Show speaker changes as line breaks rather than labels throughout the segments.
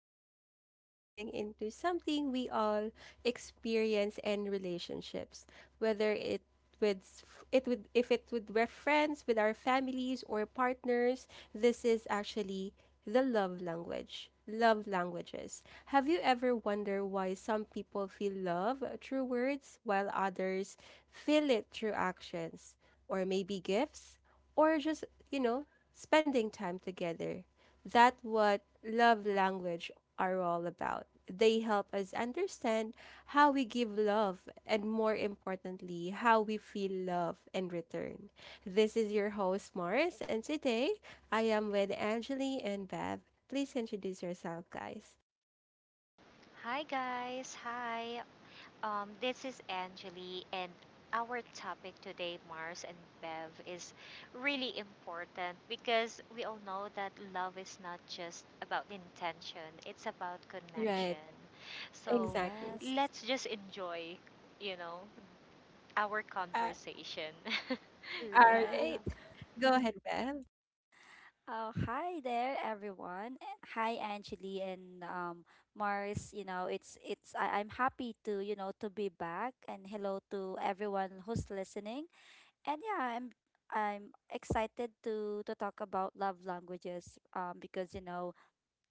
So, today we're diving into something we all experience in relationships, whether it with it would if it would we're friends with our families or partners, this is actually the love languages. Have you ever wondered why some people feel love through words while others feel it through actions, or maybe gifts, or just, you know, spending time together. That's what love language are all about. They help us understand how we give love and, more importantly, how we feel love in return. This is your host, Morris, and today I am with Angeli and Bev. Please introduce yourself, guys.
Hi guys, hi. This is Angeli, and our topic today, Mars and Bev, is really important because we all know that love is not just about intention; it's about
Right,
connection. So
exactly.
Yes,
let's just enjoy, you know, our
Uh,
conversation.
all
Yeah.
right.
right, go ahead, Bev.
Oh, hi there, everyone. Hi, Angeli and Mars. I'm happy to to be back, and hello to everyone who's listening. And yeah, I'm excited to talk about love languages. Um, because you know,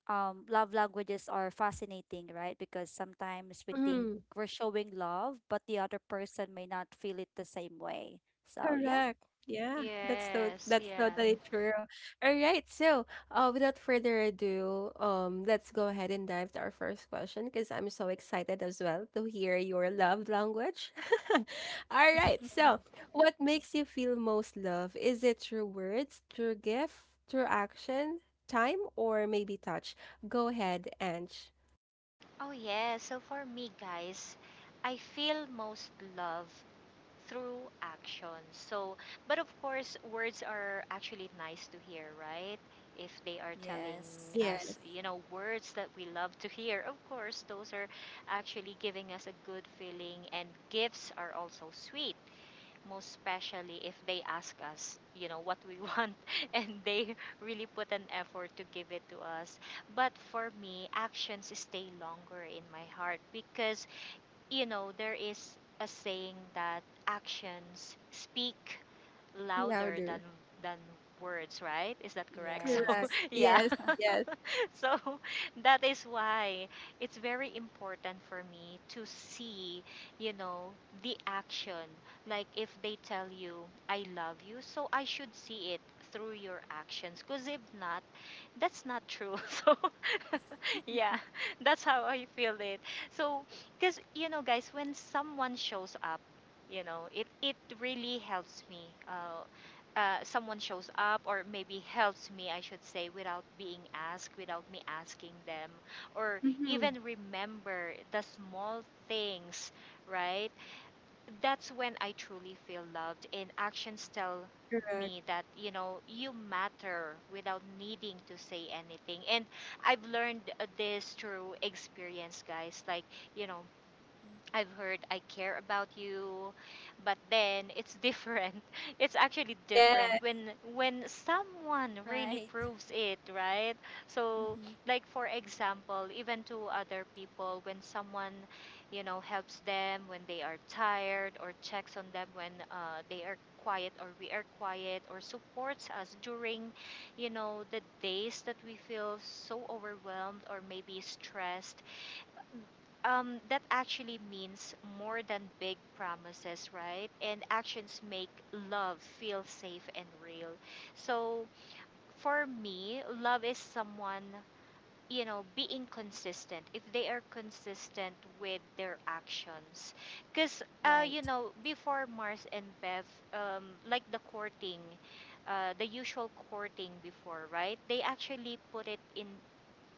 um, Love languages are fascinating, right? Because sometimes we think we're showing love, but the other person may not feel it the same way. So yeah.
Correct. Yeah,
Yes,
that's
yeah.
totally true. All right. So, without further ado, let's go ahead and dive to our first question because I'm so excited as well to hear your love language. All right. So, what makes you feel most love? Is it through words, through gift, through action, time, or maybe touch? Go ahead, Ange.
Oh yeah. So for me, guys, I feel most love through action. So, but of course, words are actually nice to hear, right? If they are telling
Yes.
Yes.
us, words that we love to hear, of course, those are actually giving us a good feeling, and gifts are also sweet, most especially if they ask us, what we want, and they really put an effort to give it to us. But for me, actions stay longer in my heart because, there is a saying that actions speak louder than
Louder.
than words, right? Is that correct? So,
Correct.
Yes.
yeah.
Yes. Yes.
So, that is why it's very important for me to see, you know, the action. Like if they tell you I love you, so I should see it through your actions because if not, that's not true. So, yeah, that's how I feel it. So, because, guys, when someone shows up, it really helps me. Uh, Someone shows up, or maybe helps me, I should say, without being asked, without me asking them, or
Mm-hmm.
even remember the small things, right? That's when I truly feel loved, and actions tell
Correct.
me that you know you matter without needing to say anything. And I've learned this through experience, guys, like you know
Mm,
I've heard "I care about you," but then it's different. It's actually different
Yeah.
when someone really
right.
proves it, right? So,
Mm-hmm.
like for example, even to other people, when someone, helps them when they are tired, or checks on them when they are quiet, or we are quiet, or supports us during, the days that we feel so overwhelmed or maybe stressed. That actually means more than big promises, right? And actions make love feel safe and real. So for me, love is someone, being consistent. If they are consistent with their actions, because,
Right.
before Mars and Beth, like the courting. The usual courting before, right? They actually put it in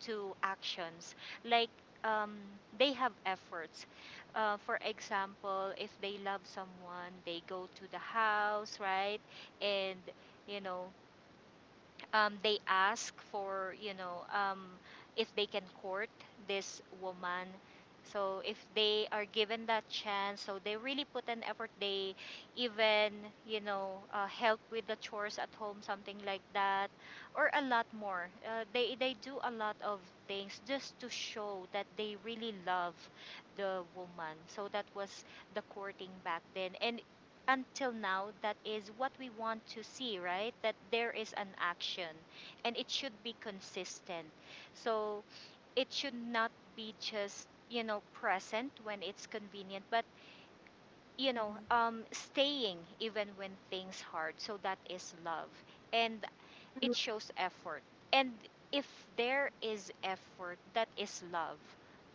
to actions, like, um, they have efforts. For example, if they love someone, they go to the house, right? And you know they ask for, if they can court this woman. So if they are given that chance, so they really put an effort. They even help with the chores at home, something like that, or a lot more. They do a lot of things just to show that they really love the woman. So that was the courting back then. And until now, that is what we want to see, right, that there is an action and it should be consistent. So it should not be just present when it's convenient, but
Mm-hmm.
staying even when things hard. So that is love, and it
Mhm.
shows effort. And if there is effort, that is love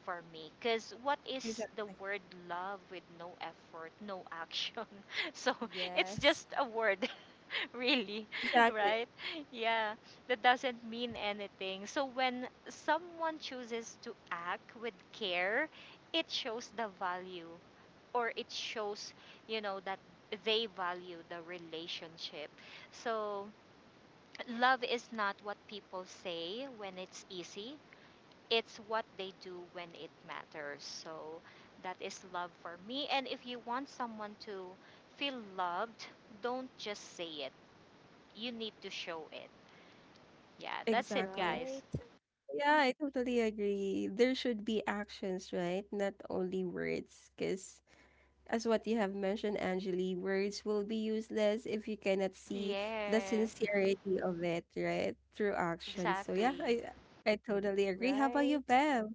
for me. Because what is the
Exactly.
word love with no effort, no action? So it's
Yes.
just a word, really,
Exactly,
right? Yeah, that doesn't mean anything. So when someone chooses to act with care, it shows the value, or it shows, that they value the relationship. So love is not what people say when it's easy. It's what they do when it matters. So that is love for me. And if you want someone to feel loved, don't just say it. You need to show it. Yeah, that's it,
exactly.
guys.
Right.
Yeah, I totally agree. There should be actions, right? Not only words. Because, as what you have mentioned, Angeli, words will be useless if you cannot see the
Yeah,
sincerity of it, right? Through action. So, yeah,
exactly.
I totally agree. How about you,
Right.
Bev?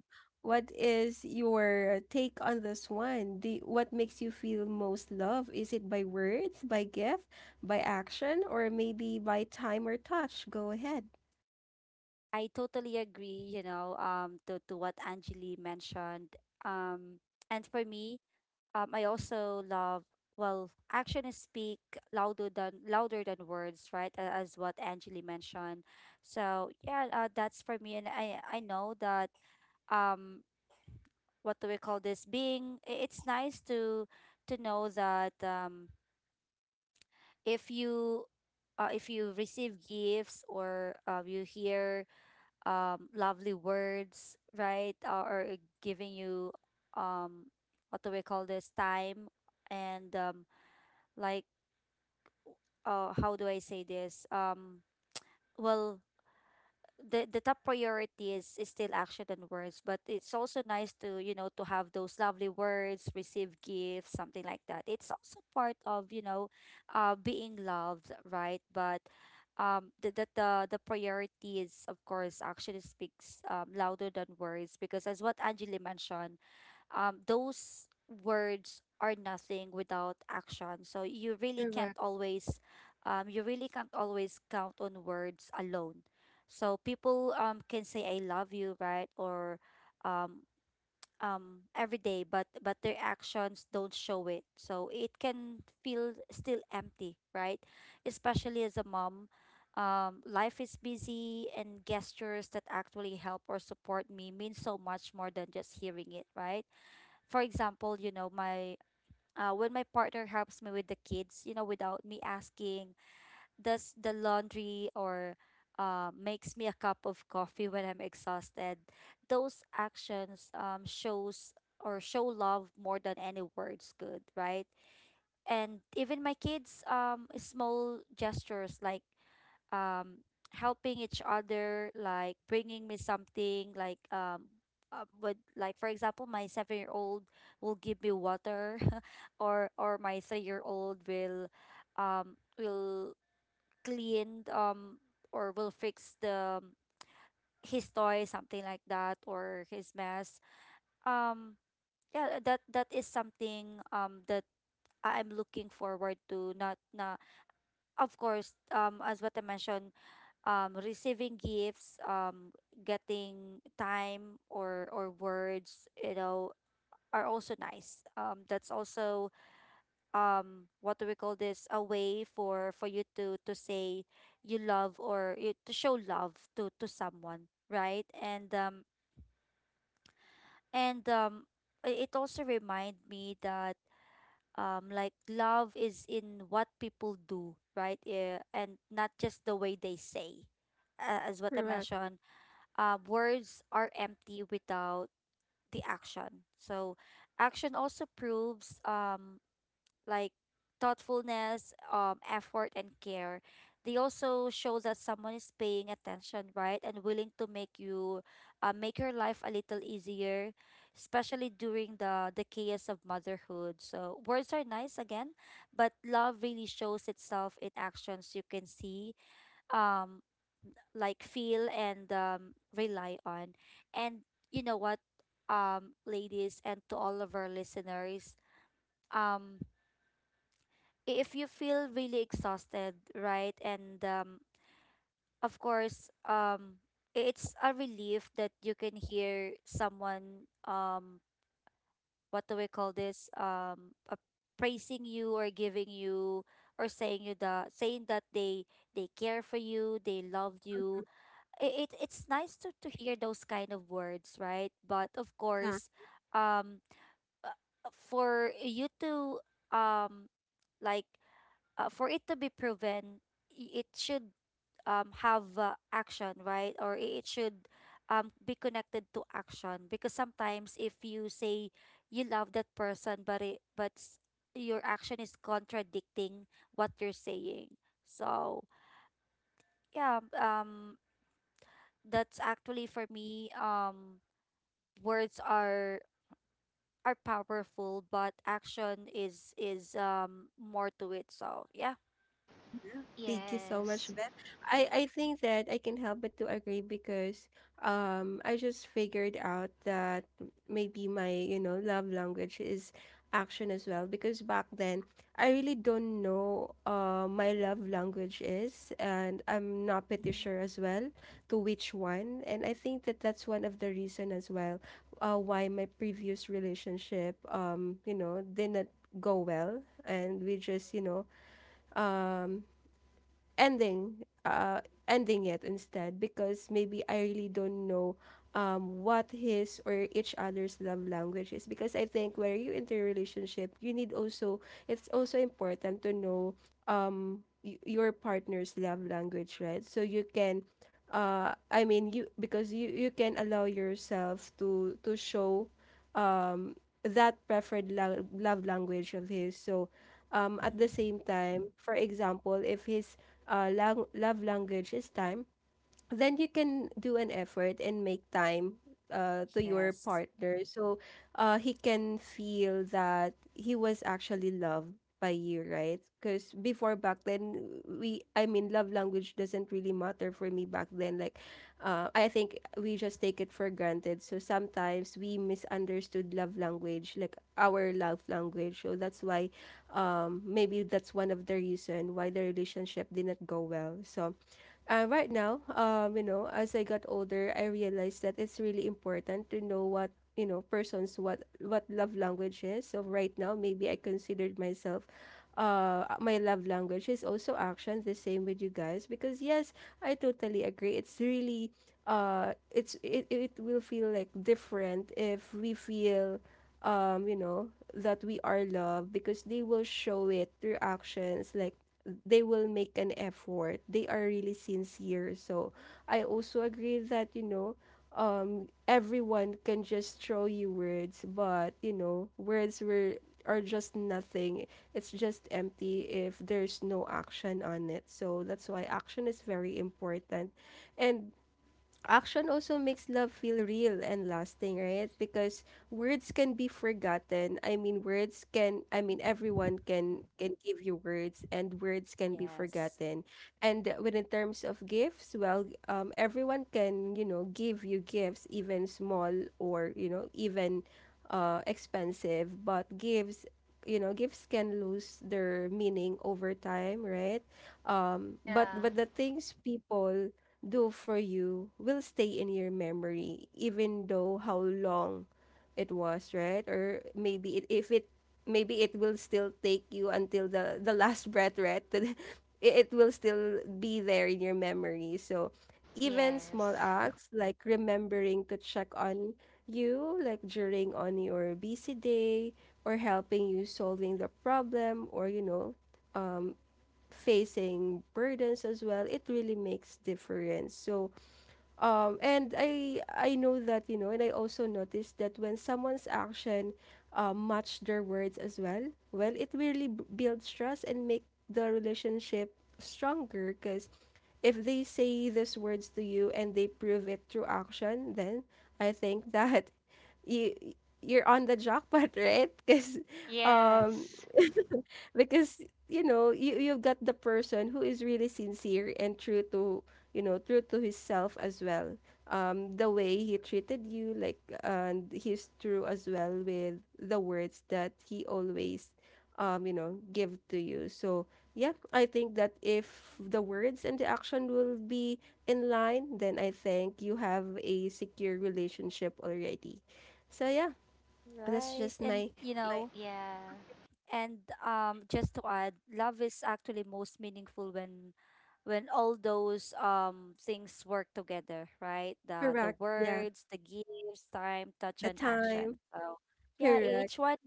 What is your take on this one? Do what makes you feel most love? Is it by words, by gift, by action, or maybe by time or touch? Go ahead.
I totally agree, to what Angeli mentioned. Um and For me, I also love well, actions speak louder than words, right? As what Angeli mentioned. So yeah, that's for me, and I know that um, what do we call this? Being it's nice to know that if you if you receive gifts or you hear lovely words right or giving you um what do we call this time and like how do I say this well the top priority is still action and words, but it's also nice to you know to have those lovely words, receive gifts, something like that. It's also part of you know being loved, right? But the priority is of course action speaks louder than words because as what Angeli mentioned those words are nothing without action. So you really can't always, you really can't always count on words alone. So people can say I love you, right? Or um every day, but their actions don't show it. So it can feel still empty, right? Especially as a mom. Life is busy, and gestures that actually help or support me mean so much more than just hearing it, right? For example, you know, my when my partner helps me with the kids, you know, without me asking, does the laundry or makes me a cup of coffee when I'm exhausted. Those actions shows or show love more than any words could, right? And even my kids, small gestures like um helping each other, like bringing me something like would like for example, my 7-year old will give me water or my 3-year old will clean or will fix the his toy, something like that, or his mess um. Yeah, that that is something that I'm looking forward to, not not of course, as what I mentioned, receiving gifts, getting time or words, you know, are also nice. That's also what do we call this? A way for you to say you love or you, to show love to someone, right? And it also remind me that like love is in what people do right. Yeah, and not just the way they say as what I
Correct.
mentioned words are empty without the action. So action also proves like thoughtfulness, effort, and care. They also show that someone is paying attention, right, and willing to make you, make your life a little easier, especially during the chaos of motherhood. So words are nice again, but love really shows itself in actions you can see, um, like feel and rely on, and you know what, ladies, and to all of our listeners, um if you feel really exhausted, right? And of course, it's a relief that you can hear someone, what do we call this? Praising you or giving you or saying you the saying that they care for you, they love you. It's nice to hear those kind of words, right? But of
Yeah,
course, um, uh, for you to um like for it to be proven, it should have action, right? Or it should be connected to action because sometimes if you say you love that person, but your action is contradicting what you're saying. So yeah, that's actually for me. Words are powerful, but action is more to it. So yeah.
yeah. Thank you so much,
Yes.
Beth. I think that I can help but to agree because I just figured out that maybe my, you know, love language is action as well because back then I really don't know my love language is, and I'm not pretty
Mm-hmm.
sure as well to which one. And I think that that's one of the reason as well why my previous relationship, you know, didn't go well, and we just, you know, um ending uh ending it instead because maybe I really don't know what his or each other's love language is, because I think where you enter a relationship you need also, it's also important to know, your partner's love language, right? So you can, I mean, you, because you can allow yourself to show um that preferred love language of his. So at the
Mm-hmm.
same time, for example, if his love language is time, then you can do an effort and make time to your
Yes.
partner, so he can feel that he was actually loved by you, right? Because before, back then, we I mean, love language doesn't really matter for me back then. Like, I think we just take it for granted, so sometimes we misunderstood love language, like our love language, so that's why, maybe that's one of the reason why the relationship didn't go well. So, right now, you know, as I got older, I realized that it's really important to know what, you know, persons what love language is. So right now, maybe I considered myself. My love language is also action. The same with you guys, because yes, I totally agree. It's really, it will feel like different if we feel, you know, that we are loved because they will show it through actions. Like, they will make an effort. They are really sincere. So I also agree that, you know, everyone can just throw you words, but you know, words were are just nothing. It's just empty if there's no action on it. So that's why action is very important. And action also makes love feel real and lasting, right? Because words can be forgotten. I mean, words can. I mean,
Mhm.
everyone can give you words, and words can be
Yes.
forgotten. And when in terms of gifts, well, everyone can, you know, give you gifts, even small or you know even expensive, but gifts. You know, gifts can lose their meaning over time, right? Um, but
Yeah.
but the things people do for you will stay in your memory, even though how long it was, right? Or maybe if it, maybe it will still take you until the last breath, right? It will still be there in your memory. So even small
Yes.
acts like remembering to check on you, like during on your busy day, or helping you solving the problem, or you know, um, facing burdens as well, it really makes difference. So and I know that, you know, and I also noticed that when someone's action match their words as well, well, it really builds trust and make the relationship stronger. Because if they say these words to you and they prove it through action, then I think that you, you're on the jackpot, right? Um,
Yes.
because you know you you've got the person who is really sincere and true to, you know, true to himself as well, the way he treated you like, and he's true as well with the words that he always, you know, give to you. So yeah, I think that if the words and the action will be in line, then I think you have a secure relationship already. So yeah, that's
Right.
just
And
my
you
Y-
my
know,
yeah.
and just to add, love is actually most meaningful when all those things work together, right? The
correct yeah
words, the gifts, time, touch,
the
and action.
time.
So yeah,
Correct,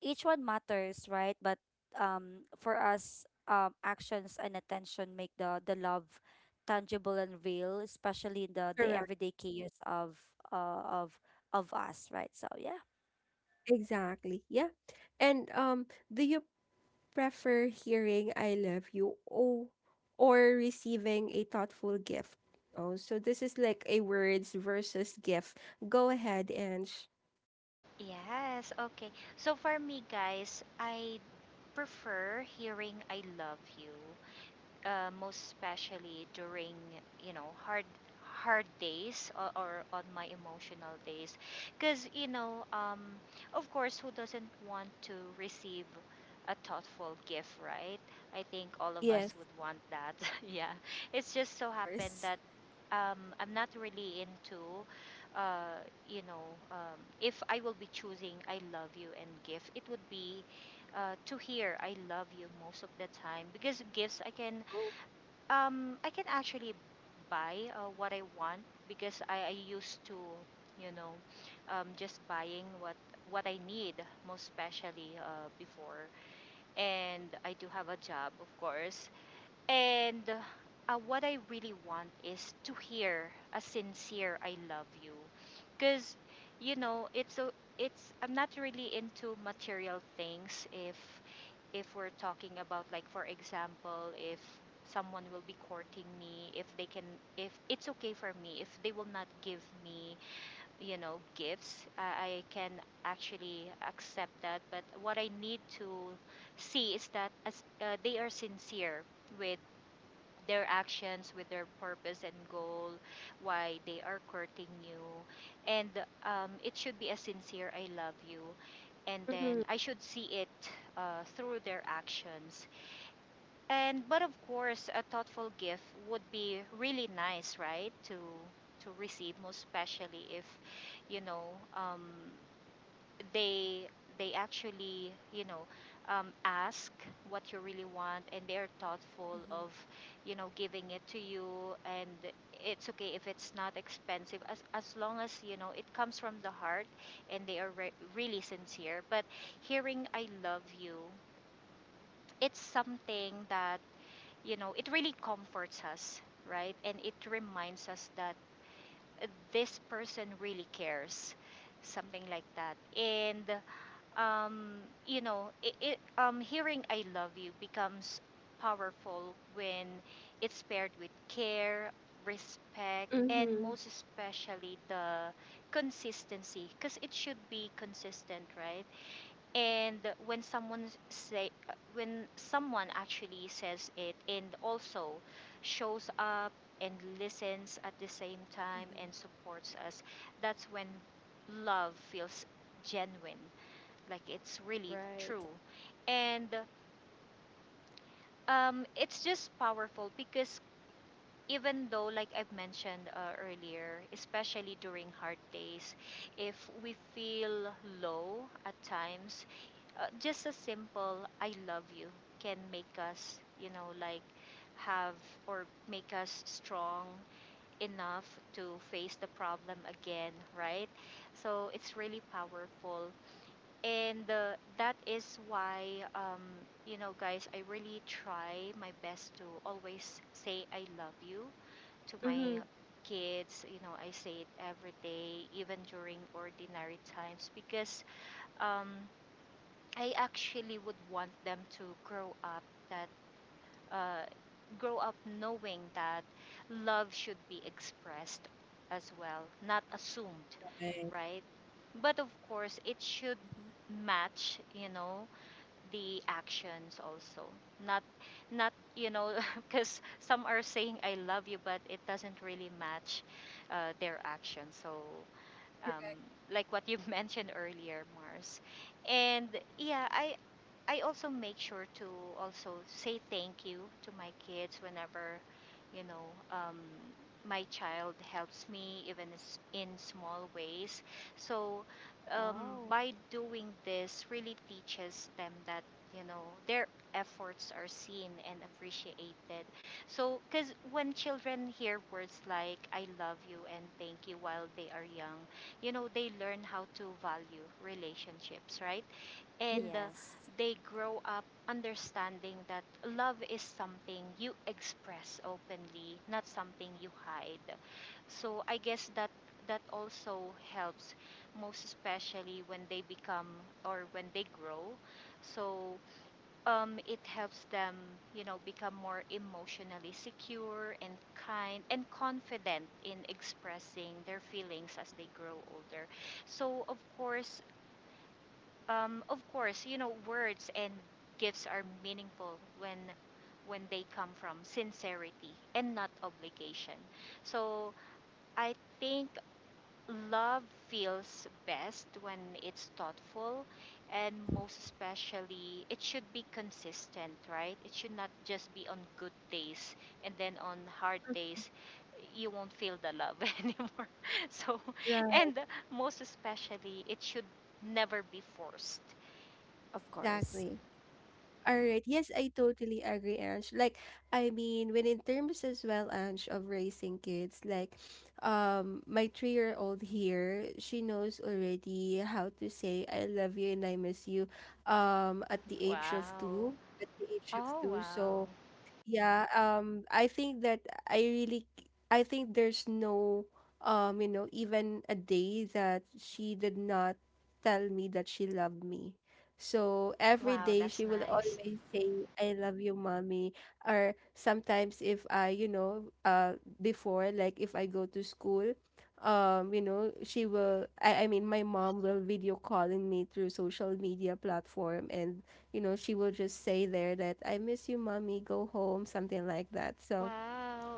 each one matters, right? But for us, actions and attention make the love tangible and real, especially in the
correct.
everyday chaos of uh, of of us, right? So yeah,
Exactly. Yeah. And do you prefer hearing I love you, oh, or receiving a thoughtful gift? Oh, so this is like a words versus gift. Go ahead, Ange.
Yes. Okay. So for me, guys, I prefer hearing I love you, most especially during you know hard hard days, or on my emotional days, because, of course, who doesn't want to receive a thoughtful gift, right? I think all of us
Yes.
would want that. Yeah, it's just
of
so happened
course.
that, I'm not really into, uh, you know if I will be choosing I love you and gift, it would be to hear I love you most of the time, because gifts I can, I can actually buy what I want, because I used to, you know, just buying what I need, most especially before. And I do have a job, of course, and what I really want is to hear a sincere I love you. Cuz it's a, it's I'm not really into material things. If we're talking about, like for example, if someone will be courting me, if they can if it's okay for me, if they will not give me, gifts, I can actually accept that, but what I need to see is that as they are sincere with their actions, with their purpose and goal, why they are courting you. And it should be a sincere I love you. And then
Mm-hmm.
I should see it through their actions. And but of course, a thoughtful gift would be really nice, right? To receive, most especially if you know um, they they actually ask what you really want, and they're thoughtful
Mm-hmm.
of giving it to you, and it's okay if it's not expensive, as long as it comes from the heart, and they are really sincere. But hearing I love you, it's something that it really comforts us, right, and it reminds us that this person really cares, something like that. And um, you know, it hearing "I love you" becomes powerful when it's paired with care, respect, and
Mm-hmm.
most especially the consistency, because it should be consistent, right? And when someone actually says it, and also shows up and listens at the same time
Mm-hmm.
and supports us, that's when love feels genuine, like it's really
Right.
true. And it's just powerful because, even though, like I've mentioned earlier, especially during hard days, if we feel low at times, just a simple "I love you" can make us, like have or make us strong enough to face the problem again, right? So it's really powerful. And that is why, um, guys, I really try my best to always say I love you to my
Mm-hmm.
kids. I say it every day, even during ordinary times, because, um, I actually would want them to that uh, grow up knowing that love should be expressed as well, not assumed,
Right.
right? But of course, it should
Mm-hmm.
match the actions also, not not because some are saying I love you but it doesn't really match their actions. So, um, like what you've mentioned earlier, Mars. And yeah, I also make sure to also say thank you to my kids whenever, you know, um, my child helps me, even in small ways. So,
Wow.
by doing this, really teaches them that you know their efforts are seen and appreciated. So, because when children hear words like "I love you" and "Thank you" while they are young, they learn how to value relationships, right? And
Yes.
they grow up understanding that love is something you express openly, not something you hide. So I guess that that also helps, most especially when they become or when they grow. So it helps them, become more emotionally secure and kind and confident in expressing their feelings as they grow older. So, of course, words and gifts are meaningful when they come from sincerity and not obligation. So, I think love feels best when it's thoughtful, and
Mhm.
most especially it should be consistent, right? It should not just be on good days and then on hard days you won't feel the love anymore. So,
Right.
and most especially, it should never be forced.
Of course.
Exactly. All right. Yes, I totally agree, Ange. Like, I mean, when in terms as well, Ange, of raising kids, like, my three-year-old here, she knows already how to say "I love you" and "I miss you," at the age of
Wow.
two. At the age of
Oh,
two,
wow.
so yeah, I think that I really, I think there's no, you know, even a day that she did not tell me that she loved me. So every
Wow,
day she
that's
will
nice.
always say, I love you, mommy. Or sometimes if I, you know, before, like if I go to school, you know, I mean, my mom will video calling me through social media platform, and you know, she will just say there that I miss you, mommy, go home, something like that. So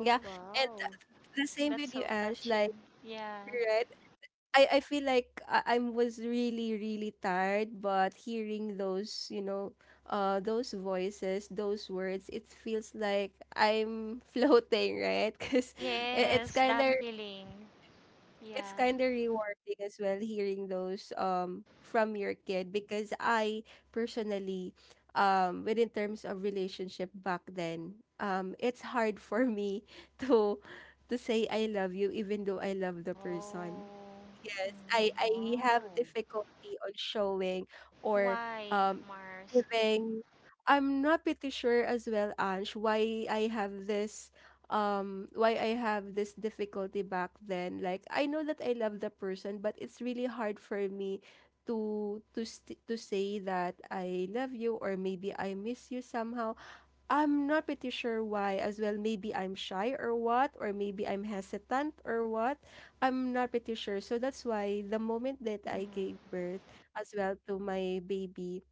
yeah, and
Wow.
the same
that's
with you,
so
Ange. Like,
touching. Yeah.
right? I feel like I was really really tired, but hearing those, you know, those voices, those words, it feels like I'm floating, right? Because it, it's
Mm-hmm.
Yes,
kind
that
of,
feeling.
it's
Yeah.
kind of rewarding as well, hearing those from your kid, because I personally, within terms of relationship back then, it's hard for me to to say I love you, even though I love the
Oh.
person. Yes, I
Mm.
have
Wow.
difficulty on showing or,
Why,
um
Mars?
giving. I'm not pretty sure as well, Ange, why I have this, why I have this difficulty back then. Like I know that I love the person, but it's really hard for me to say that I love you, or maybe I miss you, somehow I'm not pretty sure why as well. Maybe I'm shy or what, or maybe I'm hesitant or what. I'm not pretty sure. So that's why the moment
Mhm.
that I gave birth as well to my baby,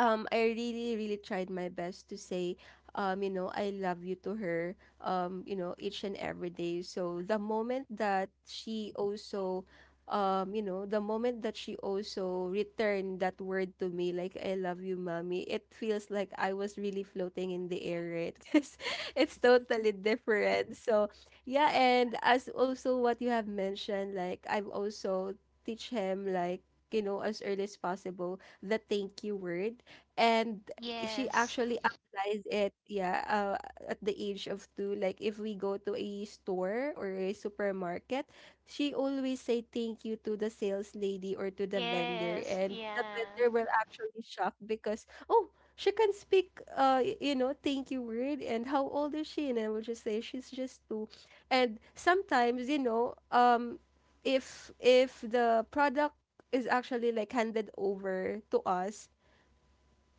I really really tried my best to say, you know, I love you to her, you know, each and every day. So the moment that she also, you know, the moment that she also returned that word to me, like I love you mommy, it feels like I was really floating in the air, right? Because it's totally different. So yeah, and as also what you have mentioned, like I've also teach him, like, you know, as early as possible, the thank you word. And she
Yes.
actually applies it, yeah, at the age of two. Like if we go to a store or a supermarket, she always say thank you to the sales lady or to the vendor,
Yes.
and the
Yeah.
vendor will actually shock, because, oh, she can speak you know, thank you word, and how old is she? And I will just say she's just two. And sometimes you know, if the product is actually like handed over to us,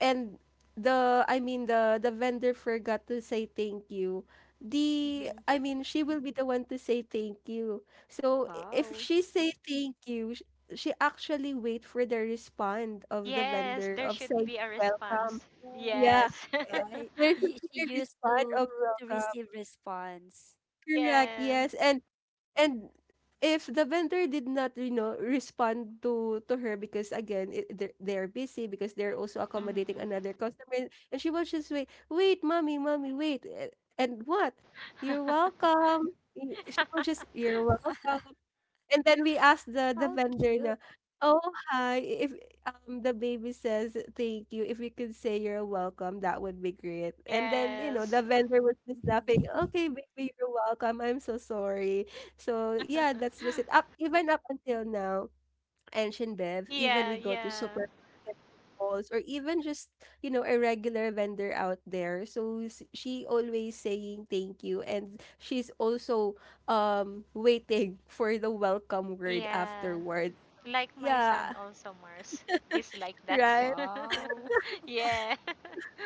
and the I mean, the vendor forgot to say thank you, the
Mm-hmm.
I mean, she will be the one to say thank you. So if
Wow.
she say thank you, she actually wait for the respond of the
Yes,
vendor
there
of
should
saying
be a
welcome.
response.
Oh,
Yeah.
Yes.
eh,
right.
There should be
She
a
used
respond of
to
welcome.
receive response.
Correct.
Yeah.
Yes. And if the vendor did not, you know, respond to her because again they're busy because they're also
Mhm.
accommodating another customer and she was just wait, wait, mommy, mommy, wait, and what? You're welcome. She was just, you're welcome. And then we asked the
How
vendor
cute.
na, "Oh, hi. If the baby says thank you, if you could say you're welcome, that would be great." And then, you know,
Yes.
the vendor was just laughing,
Mhm.
"Okay, baby, you're welcome. I'm so sorry." So, yeah, that's just it. Up even up until now and Shinbev, even
Yeah,
we go to
yeah.
supermarket malls or even just, you know, a regular vendor out there. So she always saying thank you and she's also waiting for the welcome word
Yeah.
afterward.
Like my son
Yeah,
also, Mars. He's like that.
right.
Wow.
Yeah.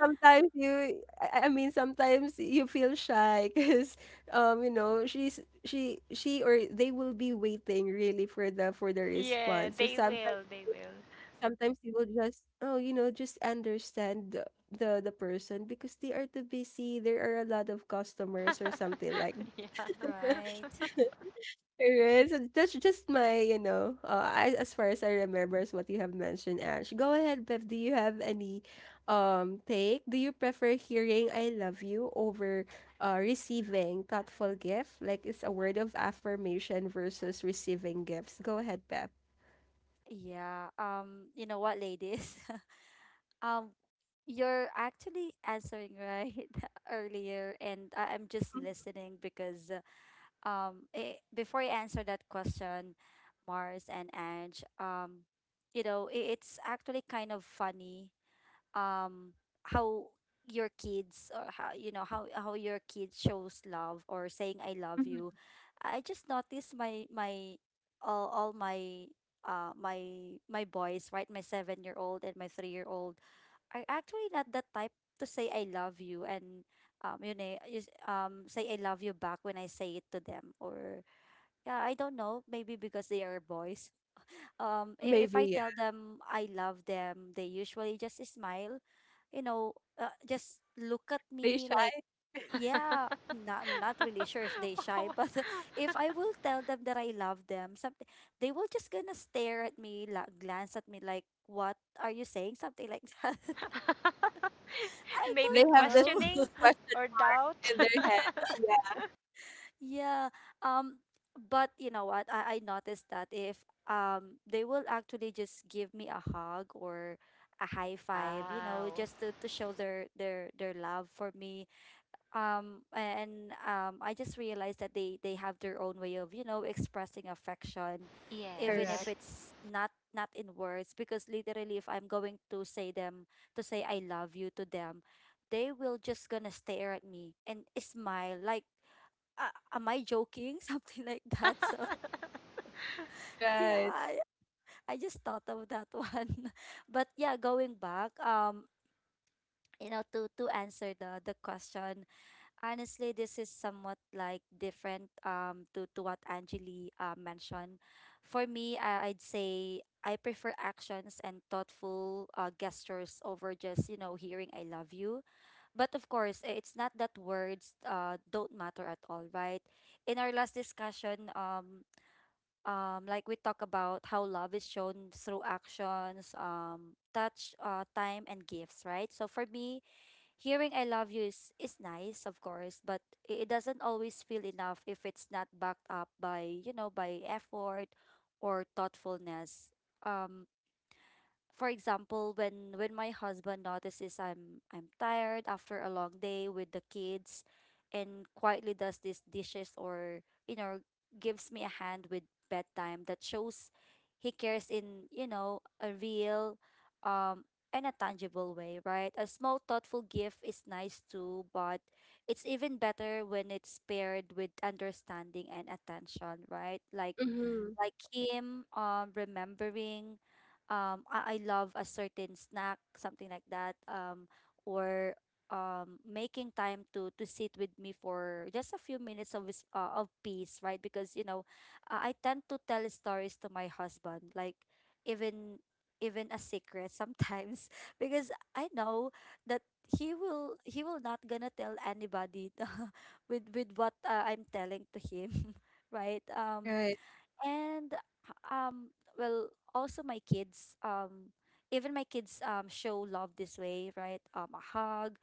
Sometimes you, I mean, sometimes you feel shy because, you know, she or they will be waiting really for the
Yeah,
response. So
they
sometimes
will. They will.
sometimes they will just oh you know just understand the person because they are too busy, there are a lot of customers or something like
Yeah.
Right.
that. So that's just my, you know, as far as I remember is what you have mentioned. Ash, go ahead, Bev, do you have any take? Do you prefer hearing I love you over receiving thoughtful gift? Like, it's a word of affirmation versus receiving gifts. Go ahead, Bev.
Yeah. You know what, ladies? Um, you're actually answering right earlier, and I'm just listening because before I answer that question, Mars and Ange, you know, it's actually kind of funny um how your kids or how you know how your kid shows love or saying I love
Mhm.
you. I just noticed my my all my my boys, right, my 7-year old and my 3-year old are actually not that type to say I love you, and you know say I love you back when I say it to them or yeah I don't know, maybe because they are boys um. If
Maybe,
I
yeah.
tell them I love them, they usually just smile, you know, just look at
They
me
shy.
like, yeah, not, I'm not really sure if they shy, but if I will tell them that I love them, something they will just gonna stare at me, glance at me like, what are you saying? Something like that. I
Maybe
They
don't
have this big
questioning
know.
or doubt.
in their head. Yeah,
Yeah. Um, but you know what? I noticed that if they will actually just give me a hug or a high five, you know,
Wow.
just to show their love for me. And I just realized that they have their own way of, you know, expressing affection, even if
Yes.
correct.
it's not not in words, because literally if I'm going to say them to say I love you to them, they will just gonna stare at me and smile like am I joking? Something like that. So yeah,
Right.
I just thought of that one. But yeah, going back, you know, to answer the question, honestly, this is somewhat like different to what Angeli mentioned. For me, I'd say I prefer actions and thoughtful gestures over just you know hearing "I love you." But of course, it's not that words don't matter at all, right? In our last discussion, um, like we talk about how love is shown through actions touch time and gifts, right? So for me, hearing I love you is nice of course, but it doesn't always feel enough if it's not backed up by you know by effort or thoughtfulness um. For example, when my husband notices I'm tired after a long day with the kids and quietly does these dishes or you know gives me a hand with bedtime, that shows he cares in you know a real um and a tangible way, right? A small thoughtful gift is nice too, but it's even better when it's paired with understanding and attention, right? like
Mm-hmm.
like him remembering I love a certain snack, something like that um, or making time to sit with me for just a few minutes of of peace, right? Because you know I tend to tell stories to my husband like even even a secret sometimes because I know that he will not gonna tell anybody with what I'm telling to him right um.
Right.
And um well, also my kids um, even my kids show love this way right um. A hug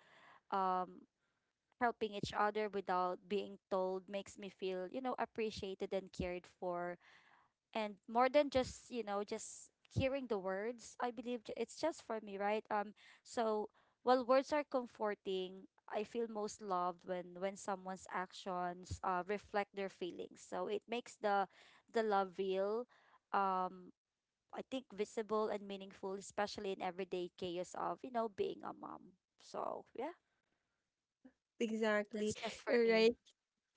um helping each other without being told makes me feel you know appreciated and cared for and more than just you know just hearing the words. I believe it's just for me right um. So while words are comforting, I feel most loved when someone's actions reflect their feelings, so it makes the love real um. I think visible and meaningful, especially in everyday chaos of you know being a mom. So yeah,
Yeah,
that's
exactly.
just for
All
me.
right.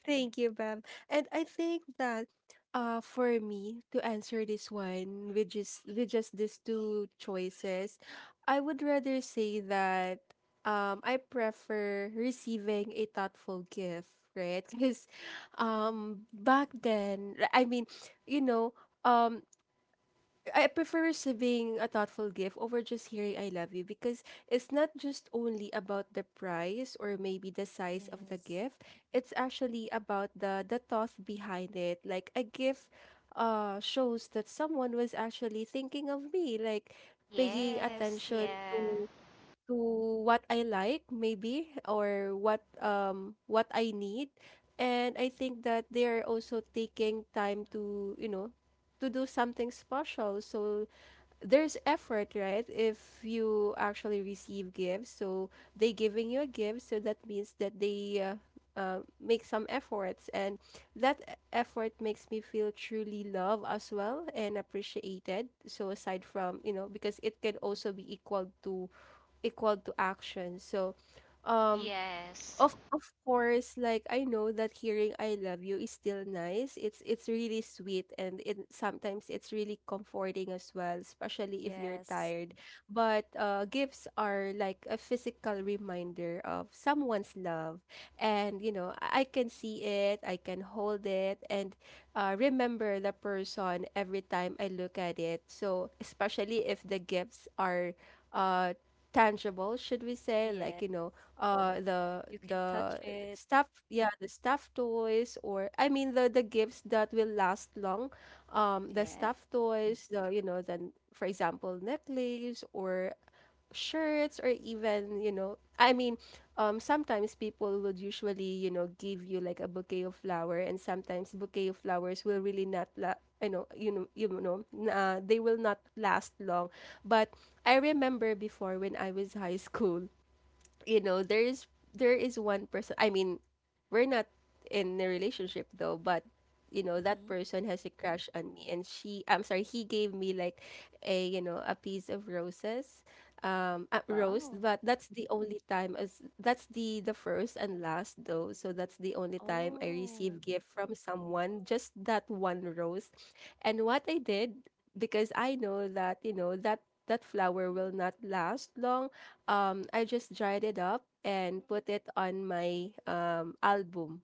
Thank you, Bab. And I think that for me to answer this one with just these two choices, I would rather say that I prefer receiving a thoughtful gift, right? Because
Hmm.
back then I mean, you know, um I prefer receiving a thoughtful gift over just hearing I love you because it's not just only about the price or maybe the size of the
Yes.
gift. It's actually about the thought behind it. Like, a gift shows that someone was actually thinking of me, like paying
Yes.
Yes.
attention
Yeah.
to what I like maybe or what I need, and I think that they are also taking time to, you know, to do something special. So there's effort, right? If you actually receive gifts, so they giving you a gift, so that means that they make some efforts, and that effort makes me feel truly loved as well and appreciated. So aside from, you know, because it can also be equal to equal to action. So, um,
Yes.
of course, like, I know that hearing "I love you" is still nice. It's really sweet, and it sometimes it's really comforting as well, especially if you're
Yes.
tired. But gifts are like a physical reminder of someone's love, and you know, I can see it, I can hold it, and remember the person every time I look at it. So especially if the gifts are uh tangible, should we say,
Yeah,
like, you know,
you can touch
the
it.
stuff, yeah, the stuffed toys, or I mean, the gifts that will last long, the
Yeah.
stuffed toys, the, you know, then for example necklace or shirts or even, you know, I mean, sometimes people would usually, you know, give you like a bouquet of flower, and sometimes bouquet of flowers will really not I know, you know, you know, they will not last long. But I remember before when I was high school, you know, there is one person, I mean, we're not in a relationship though, but, you know, that
Mm-hmm.
person has a crush on me and she, I'm sorry, he gave me like a, you know, a piece of roses, a rose.
Wow.
But that's the only time, as that's the first and last though, so that's the only time I
Oh,
receive gift from someone, just that one rose. And what I did, because I know that, you know, that that flower will not last long, I just dried it up and put it on my album.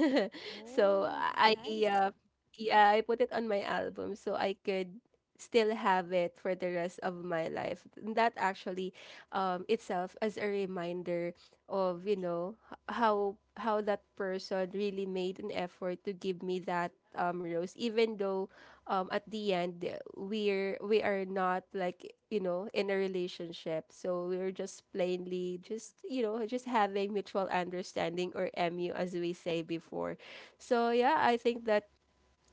So
oh,
I
nice.
uh, yeah, I put it on my album so I could still have it for the rest of my life. And that actually itself as a reminder of, you know, how that person really made an effort to give me that rose, even though at the end we're we are not like, you know, in a relationship, so we're just plainly just, you know, just having mutual understanding or mu as we say before. So yeah, I think that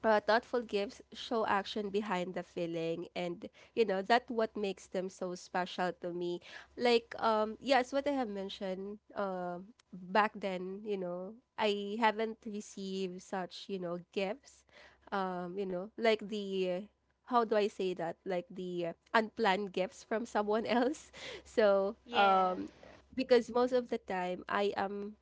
thoughtful gifts show action behind the feeling, and, you know, that what makes them so special to me, like, yes, what I have mentioned, back then, you know, I haven't received such, you know, gifts, you know, like the how do I say that, like the unplanned gifts from someone else. So
Yeah.
because most of the time I am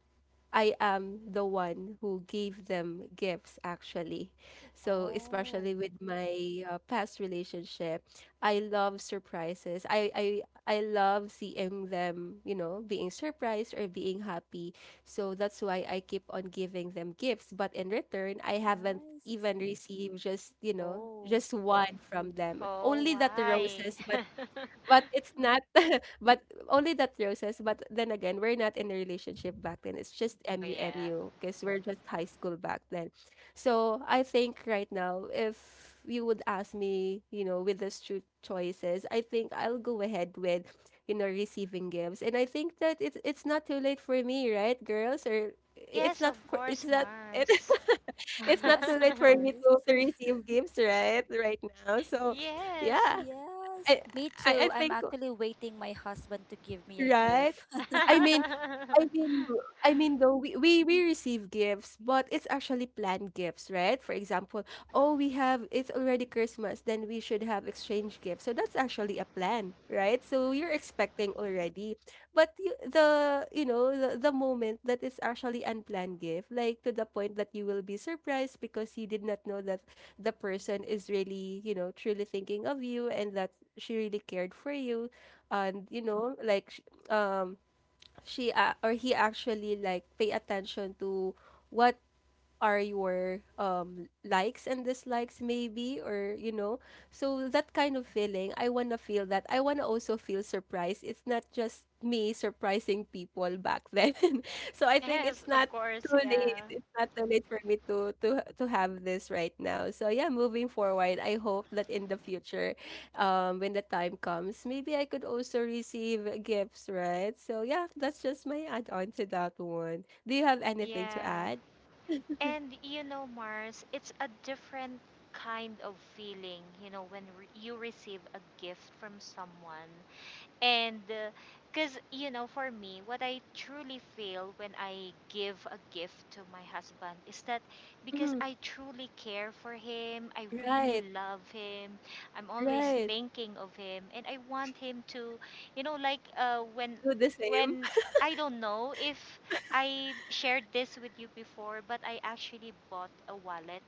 I am the one who gave them gifts actually. So,
Oh,
especially with my past relationship, I love surprises. I love seeing them, you know, being surprised or being happy. So that's why I keep on giving them gifts, but in return, I haven't
nice.
even received just, you know,
Oh.
just one from them.
Oh,
Only that
why?
roses, but it's
Uh,
not, but only that roses. But then again, we're not in a relationship back then. It's just
Oh, yeah.
mumu because we're just high school back then. So I think right now, if you would ask me, you know, with the two choices, I think I'll go ahead with, you know, receiving gifts. And I think that it's not too late for me, right, girls? Or it's
Yes, of
not for
course,
it's not it,
Mars.
it's not
yes,
too
of
late for me
course.
to receive gifts, right? Right now. So
Yes.
yeah.
Yes.
I,
Me
I
too. I'm
think,
actually waiting my husband to give me a
right?
gift.
I mean, I mean, I mean, though we receive gifts, but it's actually planned gifts, right? For example, oh, we have, it's already Christmas, then we should have exchange gifts. So that's actually a plan, right? So you're expecting already, but you, the you know the moment that it's actually unplanned gift, like to the point that you will be surprised because you did not know that the person is really, you know, truly thinking of you, and that she really cared for you, and you know like, um she or he actually like pay attention to what are your likes and dislikes maybe, or you know. So that kind of feeling, I want to feel that, I want to also feel surprised. It's not just me surprising people back then. So I think
Yes,
it's not
of course, yeah.
too late for me to to have this right now. So yeah, moving forward, I hope that in the future, when the time comes, maybe I could also receive gifts, right? So yeah, that's just my add on to that one. Do you have anything to
Yeah.
add?
And Mars, it's a different kind of feeling, when re you receive a gift from someone. And because, you know, for me, what I truly feel when I give a gift to my husband is that because I truly care for him, I really
Right,
love him, I'm always
right.
thinking of him, and I want him to, you know,
Do the same.
when, I don't know if I've shared this with you before, but I actually bought a wallet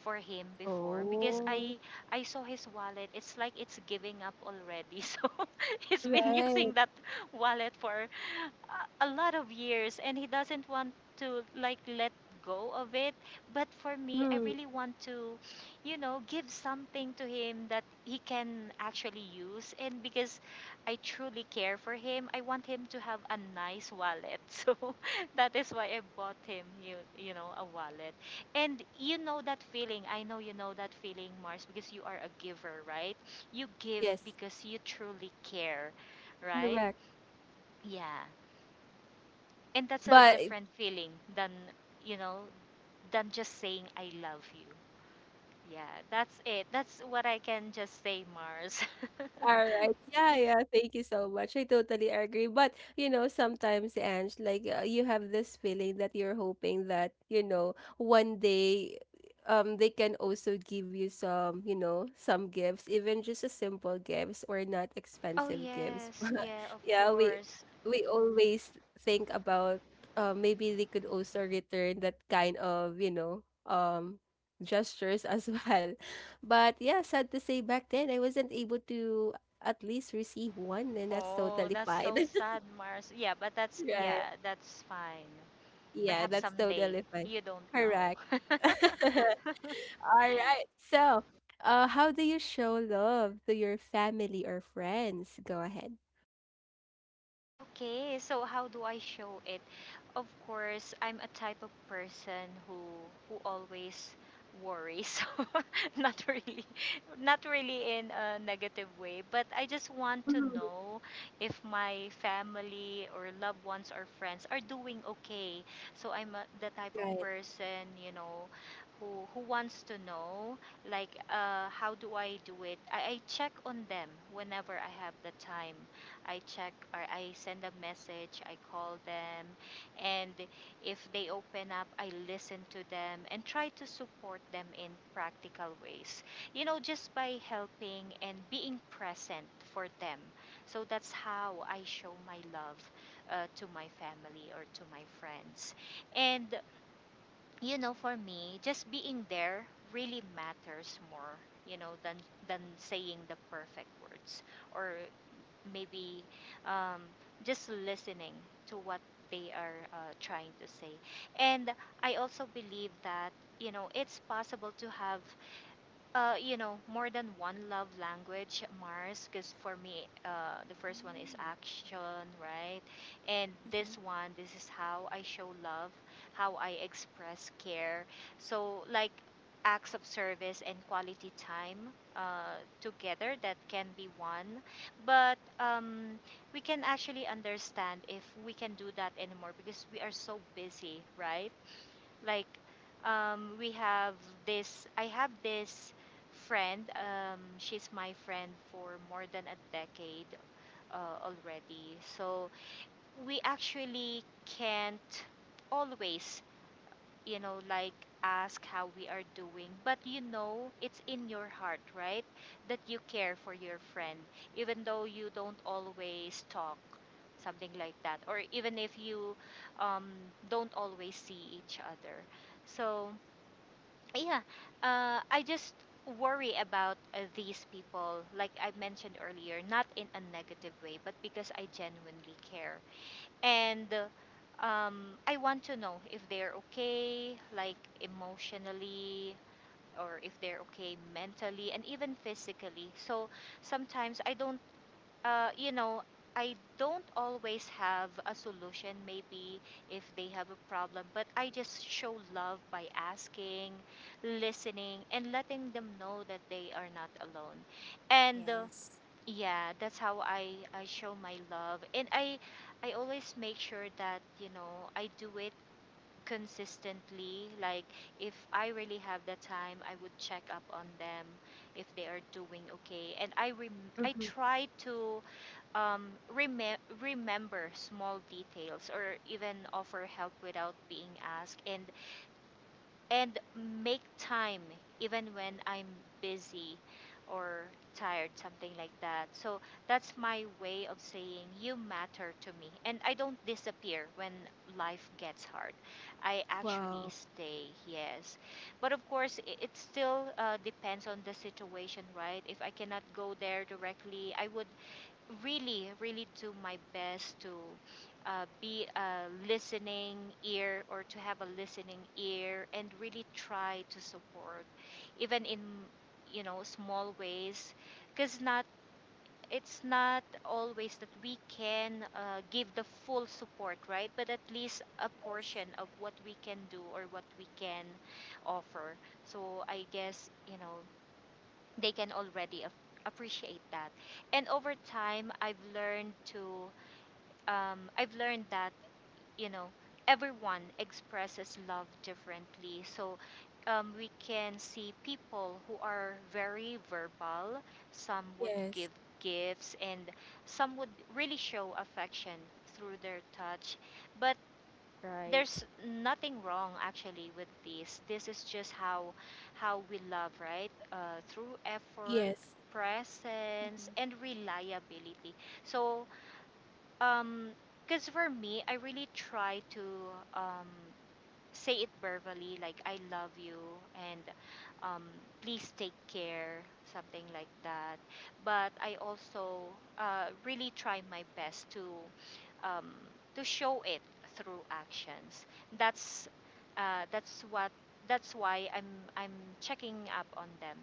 for him before because
Oh.
I saw his wallet. It's like it's giving up already. So he's been
Right.
using that wallet for a lot of years and he doesn't want to like let go of it. But for me, I
Mhm.
really want to, you know, give something to him that he can actually use. And because I truly care for him, I want him to have a nice wallet. So that is why I bought him, you know, a wallet. And you know that feeling. I know you know that feeling, Mars, because you are a giver, right? You give
Yes,
because you truly care, right?
correct.
Yeah. And that's a
But
different feeling than, you know, than just saying I love you. Yeah, that's it. That's what I can just say, Mars.
all right. Yeah, yeah. Thank you so much. I totally agree. But, you know, sometimes, Ange, like you have this feeling that you're hoping that, you know, one day they can also give you some, you know, some gifts, even just a simple gifts or not
Oh,
expensive gifts.
yes.
But
Yeah, of
yeah,
course.
we always think about maybe they could also return that kind of, you know, gestures as well. But yeah, sad to say back then I wasn't able to at least receive one, and that's
Oh,
totally
that's
fine.
so sad, Mars. Yeah, but that's,
Right.
yeah, that's fine.
Yeah,
Perhaps
that's
someday.
totally fine.
You don't
Correct.
know.
All right. So, how do you show love to your family or friends? Go ahead.
Okay, so how do I show it? Of course, I'm a type of person who always worries. Not really, not really in a negative way, but I just want to
Hmm.
know if my family or loved ones or friends are doing okay. So the type of
Right.
person, you know, who wants to know like how do I do it? I check on them whenever I have the time. I check or I send a message, I call them, and if they open up, I listen to them and try to support them in practical ways. You know, just by helping and being present for them. So that's how I show my love to my family or to my friends. And, you know, for me, just being there really matters more, you know, than saying the perfect words, or maybe um, just listening to what they are trying to say. And I also believe that, you know, it's possible to have you know, more than one love language, Mars, because for me, the first one is
Mm,
action, right? And
mm-hmm.
this one, this is how I show love, how I express care. So, like acts of service and quality time together, that can be one. But we can actually understand if we can do that anymore because we are so busy, right? Like we have this. I have this friend, she's my friend for more than a decade uh, already. So we actually can't always, you know, like, ask how we are doing. But you know, it's in your heart, right, that you care for your friend, even though you don't always talk, something like that, or even if you um, don't always see each other. So yeah, I just worry about these people, like I mentioned earlier, not in a negative way, but because I genuinely care. And I want to know if they're okay, like emotionally, or if they're okay mentally, and even physically. So sometimes I don't you know, I don't always have a solution, maybe if they have a problem, but I just show love by asking, listening, and letting them know that they are not alone. And
Yes,
yeah, that's how I show my love. And I always make sure that, you know, I do it consistently. Like, if I really have the time, I would check up on them if they are doing okay. And I
Hmm.
try to um, remember small details or even offer help without being asked, and make time even when I'm busy or tired, something like that. So that's my way of saying you matter to me and I don't disappear when life gets hard. I actually
Wow.
stay. Yes, but of course, it still depends on the situation, right? If I cannot go there directly, I would really, really do my best to be a listening ear, or to have a listening ear, and really try to support even in, you know, small ways, because not it's not always that we can give the full support, right, but at least a portion of what we can do or what we can offer. So I guess, you know, they can already appreciate that. And over time, I've learned to, I've learned that, you know, everyone expresses love differently. So we can see people who are very verbal, some would
Yes.
give gifts, and some would really show affection through their touch. But
right.
there's nothing wrong actually with this. This is just how we love, right? Through effort,
Yes.
presence,
Mm-hmm.
and reliability. So, um, because for me, I really try to um, say it verbally, like I love you, and um, please take care, something like that. But I also really try my best um, to show it through actions. that's uh, that's what that's why I'm checking up on them.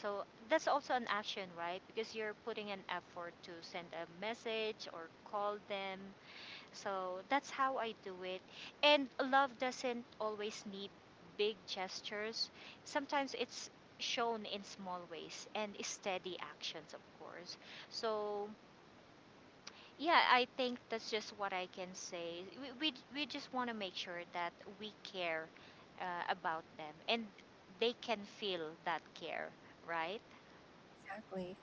So that's also an action, right? Because you're putting an effort to send a message or call them. So that's how I do it. And love doesn't always need big gestures. Sometimes it's shown in small ways and steady actions, of course. So yeah, I think that's just what I can say. We just want to make sure that we care about them and they can feel that care, right?
Exactly.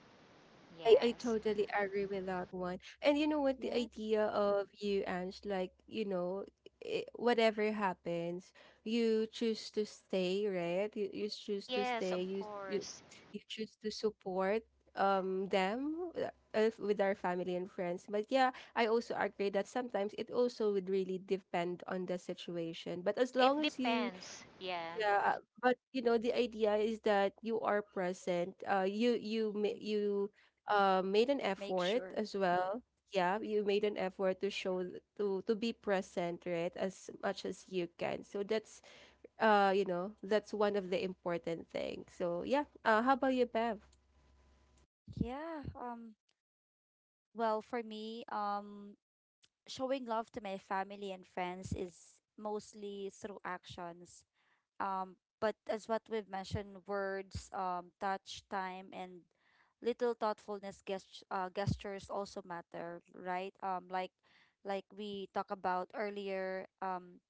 I
Yes.
totally agree with that one. And you know what, the
Yeah.
idea of you, Ange, like, you know, I whatever happens, you choose to stay, right? You choose to
Yes, of
stay. You
course.
you choose to support them with our family and friends. But yeah, I also agree that sometimes it also would really depend on the situation. But
Yeah,
as
it
long as you
depends. Yeah.
yeah, but you know the idea is that you are present. You you
Mm-hmm.
you made an
Make
effort
sure.
as well. Yeah, you made an effort to show to be present, right, as much as you can. So that's you know that's one of the important things. So yeah, how about you, Bev?
Yeah. Well, for me, showing love to my family and friends is mostly through actions. But as what we've mentioned, words, touch, time, and little thoughtfulness gestures also matter, right? Like we talked about earlier.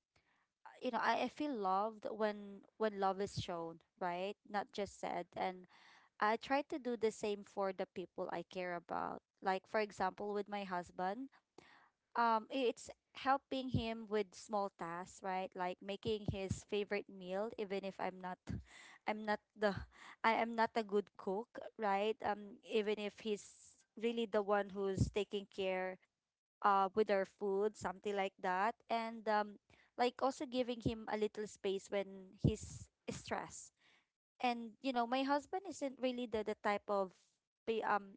You know, I feel loved when love is shown, right? Not just said. And I try to do the same for the people I care about. Like for example, with my husband it's helping him with small tasks, right? Like making his favorite meal, even if I'm not I'm not the I am not a good cook, right? Even if he's really the one who's taking care with our food, something like that. And like also giving him a little space when he's stressed. And you know, my husband isn't really the type of pe- um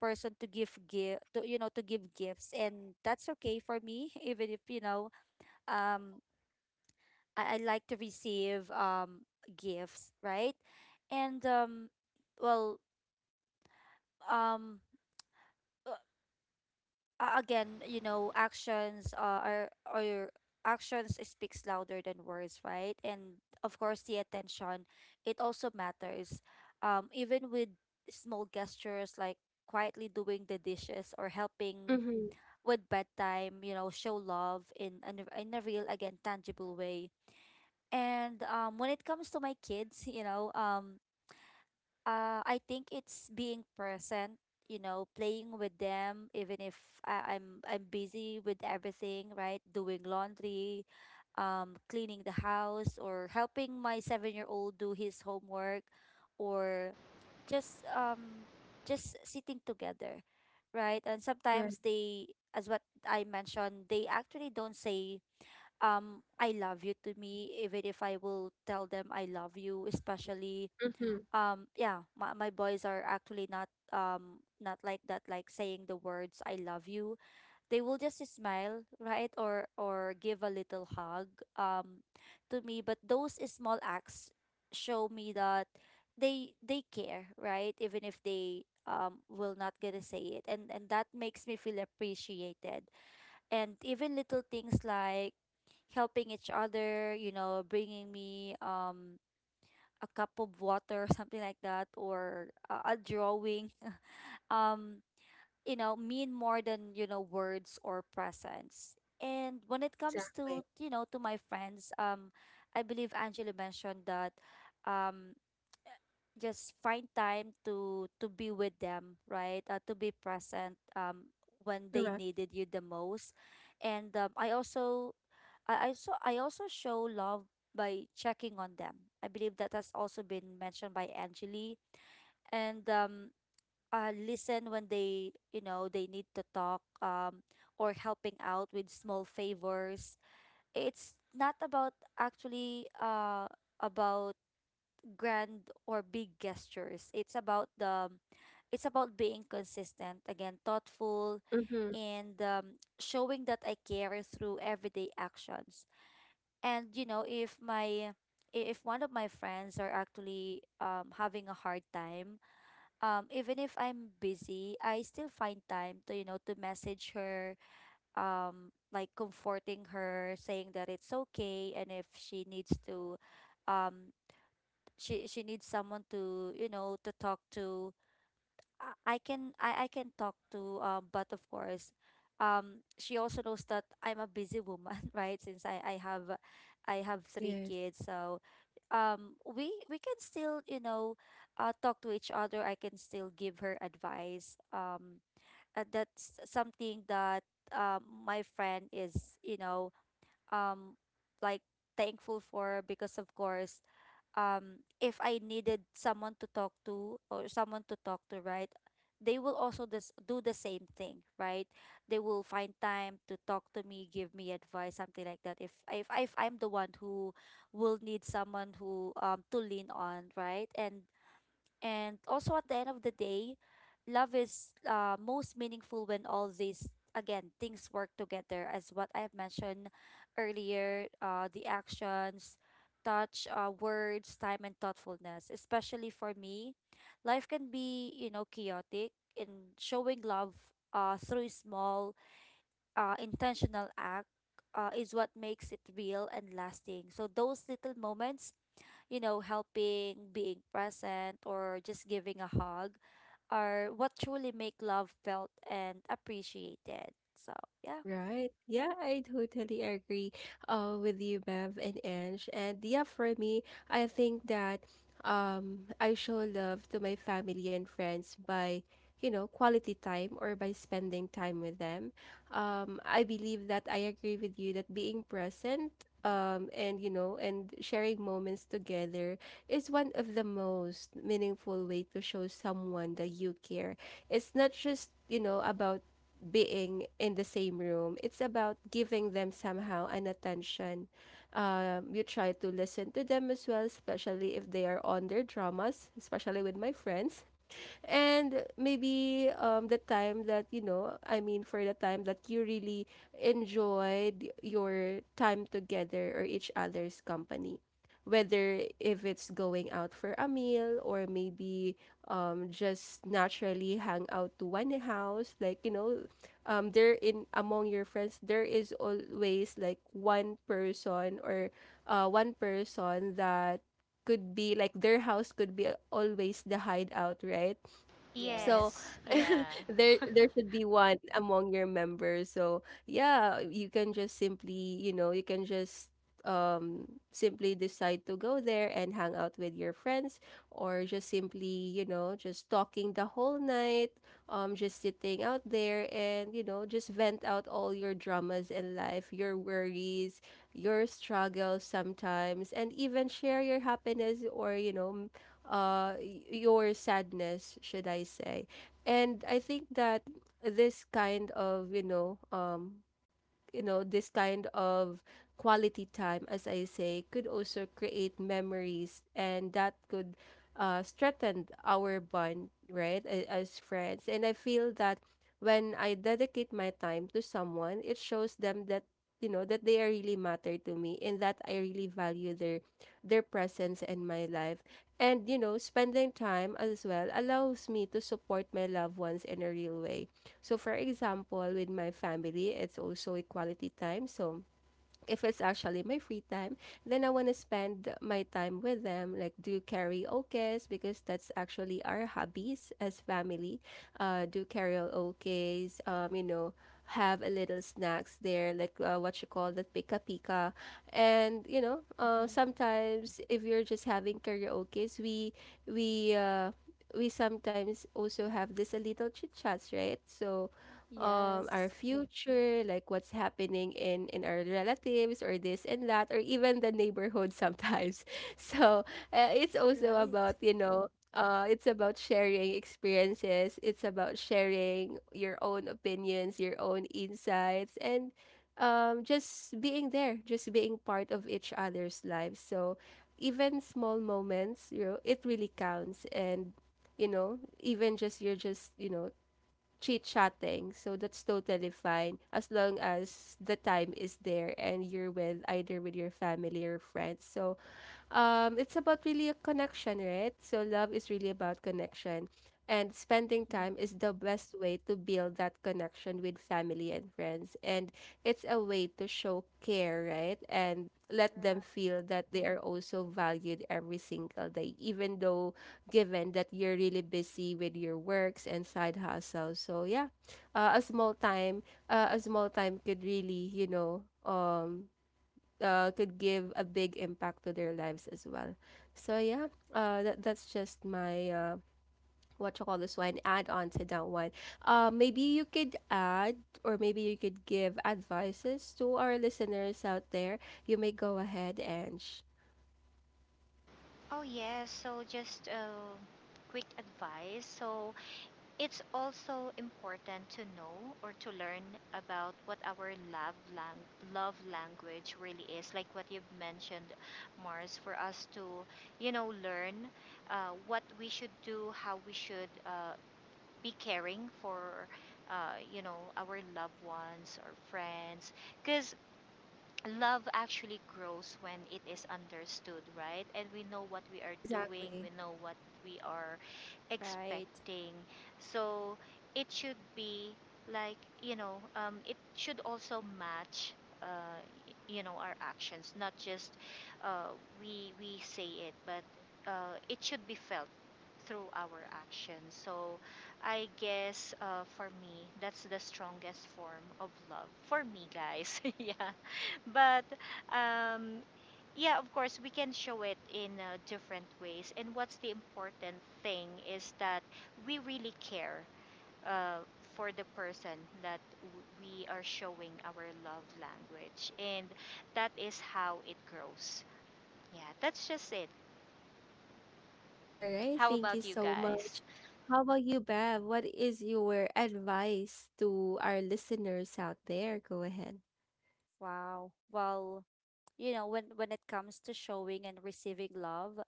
person to give gifts, and that's okay for me. Even if um I like to receive gifts, right? And well um again, you know, actions are, or your actions speaks louder than words, right? And of course, the attention, it also matters. Even with small gestures like quietly doing the dishes or helping
Mm-hmm.
with bedtime, you know, show love in a real, again, tangible way. And when it comes to my kids, you know, I think it's being present, you know, playing with them, even if I'm busy with everything, right? Doing laundry, cleaning the house, or helping my seven-year-old do his homework, or just um just sitting together, right? And
Right.
sometimes they, as what I mentioned, they actually don't say I love you to me, even if I will tell them I love you, especially
Mm-hmm.
yeah, my boys are actually not like that, like saying the words I love you. They will just smile, right, or give a little hug um to me. But those small acts show me that they care, right? Even if they will not gonna say it. And that makes me feel appreciated. And even little things like helping each other, you know, bringing me a cup of water, something like that, or a drawing, um, you know, mean more than, you know, words or presence. And when it comes to,
Exactly.
you know, to my friends, I believe Angela mentioned that um, just find time to be with them, right? To be present when they
Correct.
needed you the most. And I also I also show love by checking on them. I believe that has also been mentioned by Angeli. And listen when they, you know, they need to talk, or helping out with small favors. It's not about actually about grand or big gestures. It's about the it's about being consistent, again, thoughtful,
Mm-hmm.
and showing that I care through everyday actions. And you know, if if one of my friends are actually having a hard time, even if I'm busy, I still find time to, you know, to message her, like comforting her, saying that it's okay. And if she needs to, um she needs someone to, you know, to talk to, I can talk to. But of course, she also knows that I'm a busy woman. Right? Since I have three
Yes.
kids. So we can still, you know, talk to each other. I can still give her advice. That's something that my friend is, you know, um like thankful for. Because of course, if I needed someone to talk to, or someone to talk to, right? They will also this do the same thing, right? They will find time to talk to me, give me advice, something like that. If I'm the one who will need someone who to lean on, right? And also at the end of the day, love is most meaningful when all these, again, things work together, as what I've mentioned earlier, the actions, touch, words, time, and thoughtfulness. Especially for me, life can be, you know, chaotic. In showing love through small intentional act is what makes it real and lasting. So those little moments, you know, helping, being present, or just giving a hug, are what truly make love felt and appreciated. So, yeah.
Right. Yeah, I totally agree with you, Bev and Ange. And yeah, for me, I think that I show love to my family and friends by, quality time or by spending time with them. I believe that I agree with you that being present and, and sharing moments together is one of the most meaningful way to show someone that you care. It's not just, about being in the same room. It's about giving them somehow an attention. You try to listen to them as well, especially if they are on their dramas, especially with my friends and maybe the time that for the time that you really enjoyed your time together or each other's company, whether if it's going out for a meal or maybe just naturally hang out to one house, there in among your friends there is always like one person or one person that could be like their house could be always the hideout, right? So
Yes.
Yes. Yeah.
there there should be one among your members. So yeah, you can just simply, you can just simply decide to go there and hang out with your friends, or just simply, just talking the whole night, just sitting out there and, just vent out all your dramas in life, your worries, your struggles sometimes, and even share your happiness or, your sadness, should I say. And I think that this kind of, this kind of quality time, as I say, could also create memories and that could strengthen our bond, right, as friends. And I feel that when I dedicate my time to someone, it shows them that, you know, that they are really matter to me and that I really value their presence in my life. And you know, spending time as well allows me to support my loved ones in a real way. So, for example, with my family, it's also a quality time. So, if it's actually my free time, then I want to spend my time with them, like do karaoke, because that's actually our hobbies as family. Do karaoke, you know, have a little snacks there, like what you call that, pika pika, and you know,
Mm-hmm.
sometimes if you're just having karaoke, we we uh, we sometimes also have this a little chit chats, right? So our
Yes,
future, like what's happening in our relatives or this and that or even the neighborhood sometimes. So it's also about,
right.
you know, it's about sharing experiences. It's about sharing your own opinions, your own insights, and just being there, just being part of each other's lives. So even small moments, you know, it really counts. And you know, even just you're just chit chatting. So that's totally fine, as long as the time is there and you're with either with your family or friends. So it's about really a connection, right? So love is really about connection, and spending
Mm-hmm.
time is the best way to build that connection with family and friends, and it's a way to show care, right? And let them
Right.
feel that they are also valued every single day, even though given that you're really busy with your works and side hustles. So yeah, uh, a small time, a small time could really, you know, could give a big impact to their lives as well. So yeah, that that's just my what you call this one, add on to that one. Maybe you could add or maybe you could give advices to our listeners out there. You may go ahead and
Oh, yes. So, just a quick advice. So, it's also important to know or to learn about what our love language really is. Like what you've mentioned, Mars, for us to, you know, learn what we should do, how we should be caring for. You know, our loved ones or friends, because love actually grows when it is understood, right? And we know what we are doing,
exactly.
we know what we are
Right.
expecting. So it should be, like, you know, it should also match. Uh, you know, our actions, not just uh, we say it, but it should be felt through our actions. So I guess, for me, that's the strongest form of love for me, guys. Yeah, but um, yeah, of course, we can show it in different ways. And what's the important thing is that we really care uh, for the person that w- we are showing our love language, and that is how it grows. Yeah, that's just it.
All right,
How
thank you
about you
so much.
guys?
How about you, Bev? What is your advice to our listeners out there? Go ahead.
Wow. Well, you know, when it comes to showing and receiving love,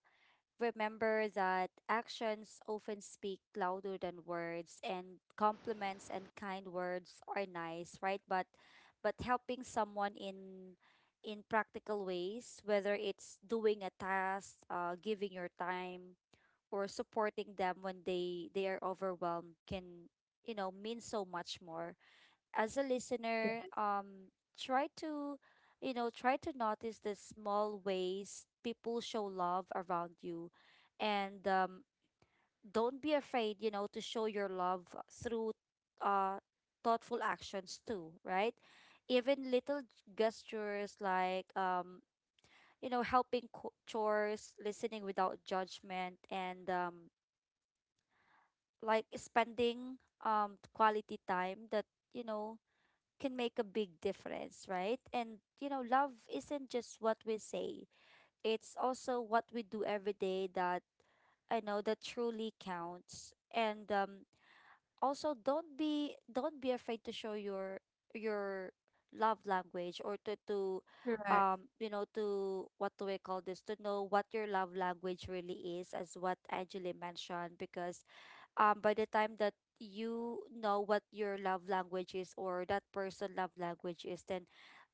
remember that actions often speak louder than words. And compliments and kind words are nice, right? But helping someone in practical ways, whether it's doing a task, giving your time, or supporting them when they are overwhelmed, can, you know, mean so much more. As a listener, try to, you know, try to notice the small ways people show love around you, and don't be afraid, you know, to show your love through, uh, thoughtful actions too, right? Even little gestures like, you know, helping chores, listening without judgment, and like spending quality time, that, you know, can make a big difference, right? And you know, love isn't just what we say. It's also what we do every day that I know that truly counts. And also, don't be afraid to show your love language, or to
Correct.
you know, to what do I call this, to know what your love language really is, as what Angela mentioned. Because by the time that you know what your love language is, or that person love language is, then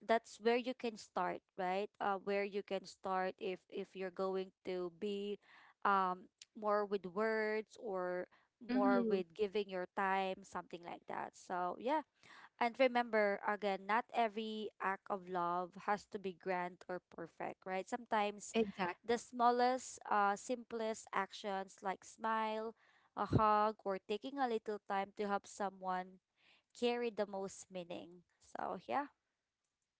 that's where you can start, right? Where you can start, if you're going to be um more with words, or more
Mm-hmm.
with giving your time, something like that. So yeah. And remember, again, not every act of love has to be grand or perfect, right? Sometimes
Exactly.
the smallest, simplest actions, like smile, a hug, or taking a little time to help someone, carry the most meaning. So, yeah.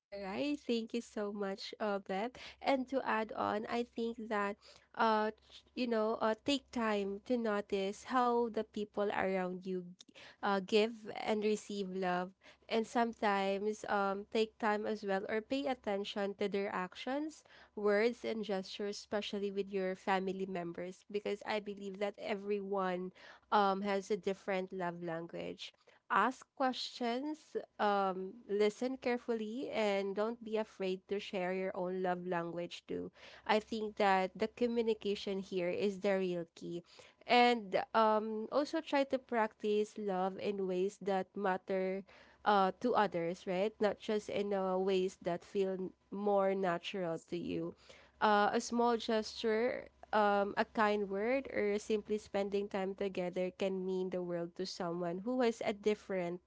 All right, thank you so much, Beb. And to add on, I think that, you know, take time to notice how the people around you, give and receive love, and sometimes, take time as well or pay attention to their actions, words, and gestures, especially with your family members, because I believe that everyone, has a different love language. Ask questions, listen carefully and don't be afraid to share your own love language too. I think that the communication here is the real key. And also try to practice love in ways that matter to others, right? Not just in ways that feel more natural
Yes.
to you. A small gesture, a kind word, or simply spending time together can mean the world to someone who has a different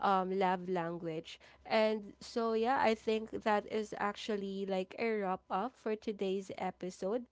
love language. And so, yeah, I think that is actually like a wrap up for today's episode.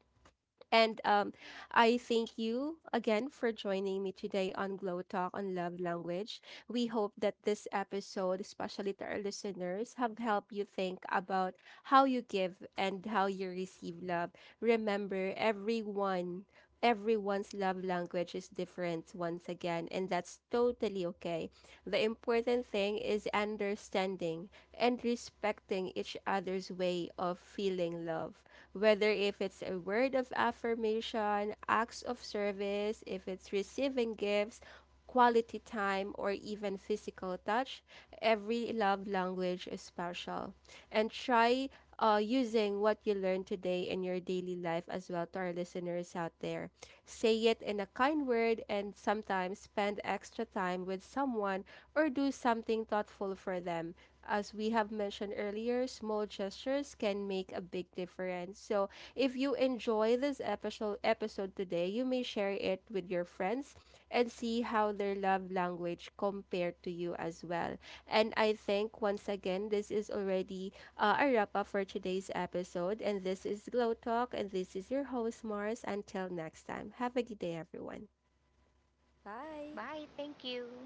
And I thank you again for joining me today on Glow Talk on Love Language. We hope that this episode, especially to our listeners, have helped you think about how you give and how you receive love. Remember, everyone, everyone's love language is different once again, and that's totally okay. The important thing is understanding and respecting each other's way of feeling love, whether if it's a word of affirmation, acts of service, if it's receiving gifts, quality time, or even physical touch, every love language is special. And try using what you learned today in your daily life as well to our listeners out there. Say it in a kind word and sometimes spend extra time with someone or do something thoughtful for them. As we have mentioned earlier, small gestures can make a big difference. So, if you enjoy this episode today, you may share it with your friends and see how their love language compared to you as well. And I think once again, this is already a wrap up for today's episode. And this is Glow Talk, and this is your host Mars. Until next time, have a good day, everyone.
Bye.
Bye. Thank you.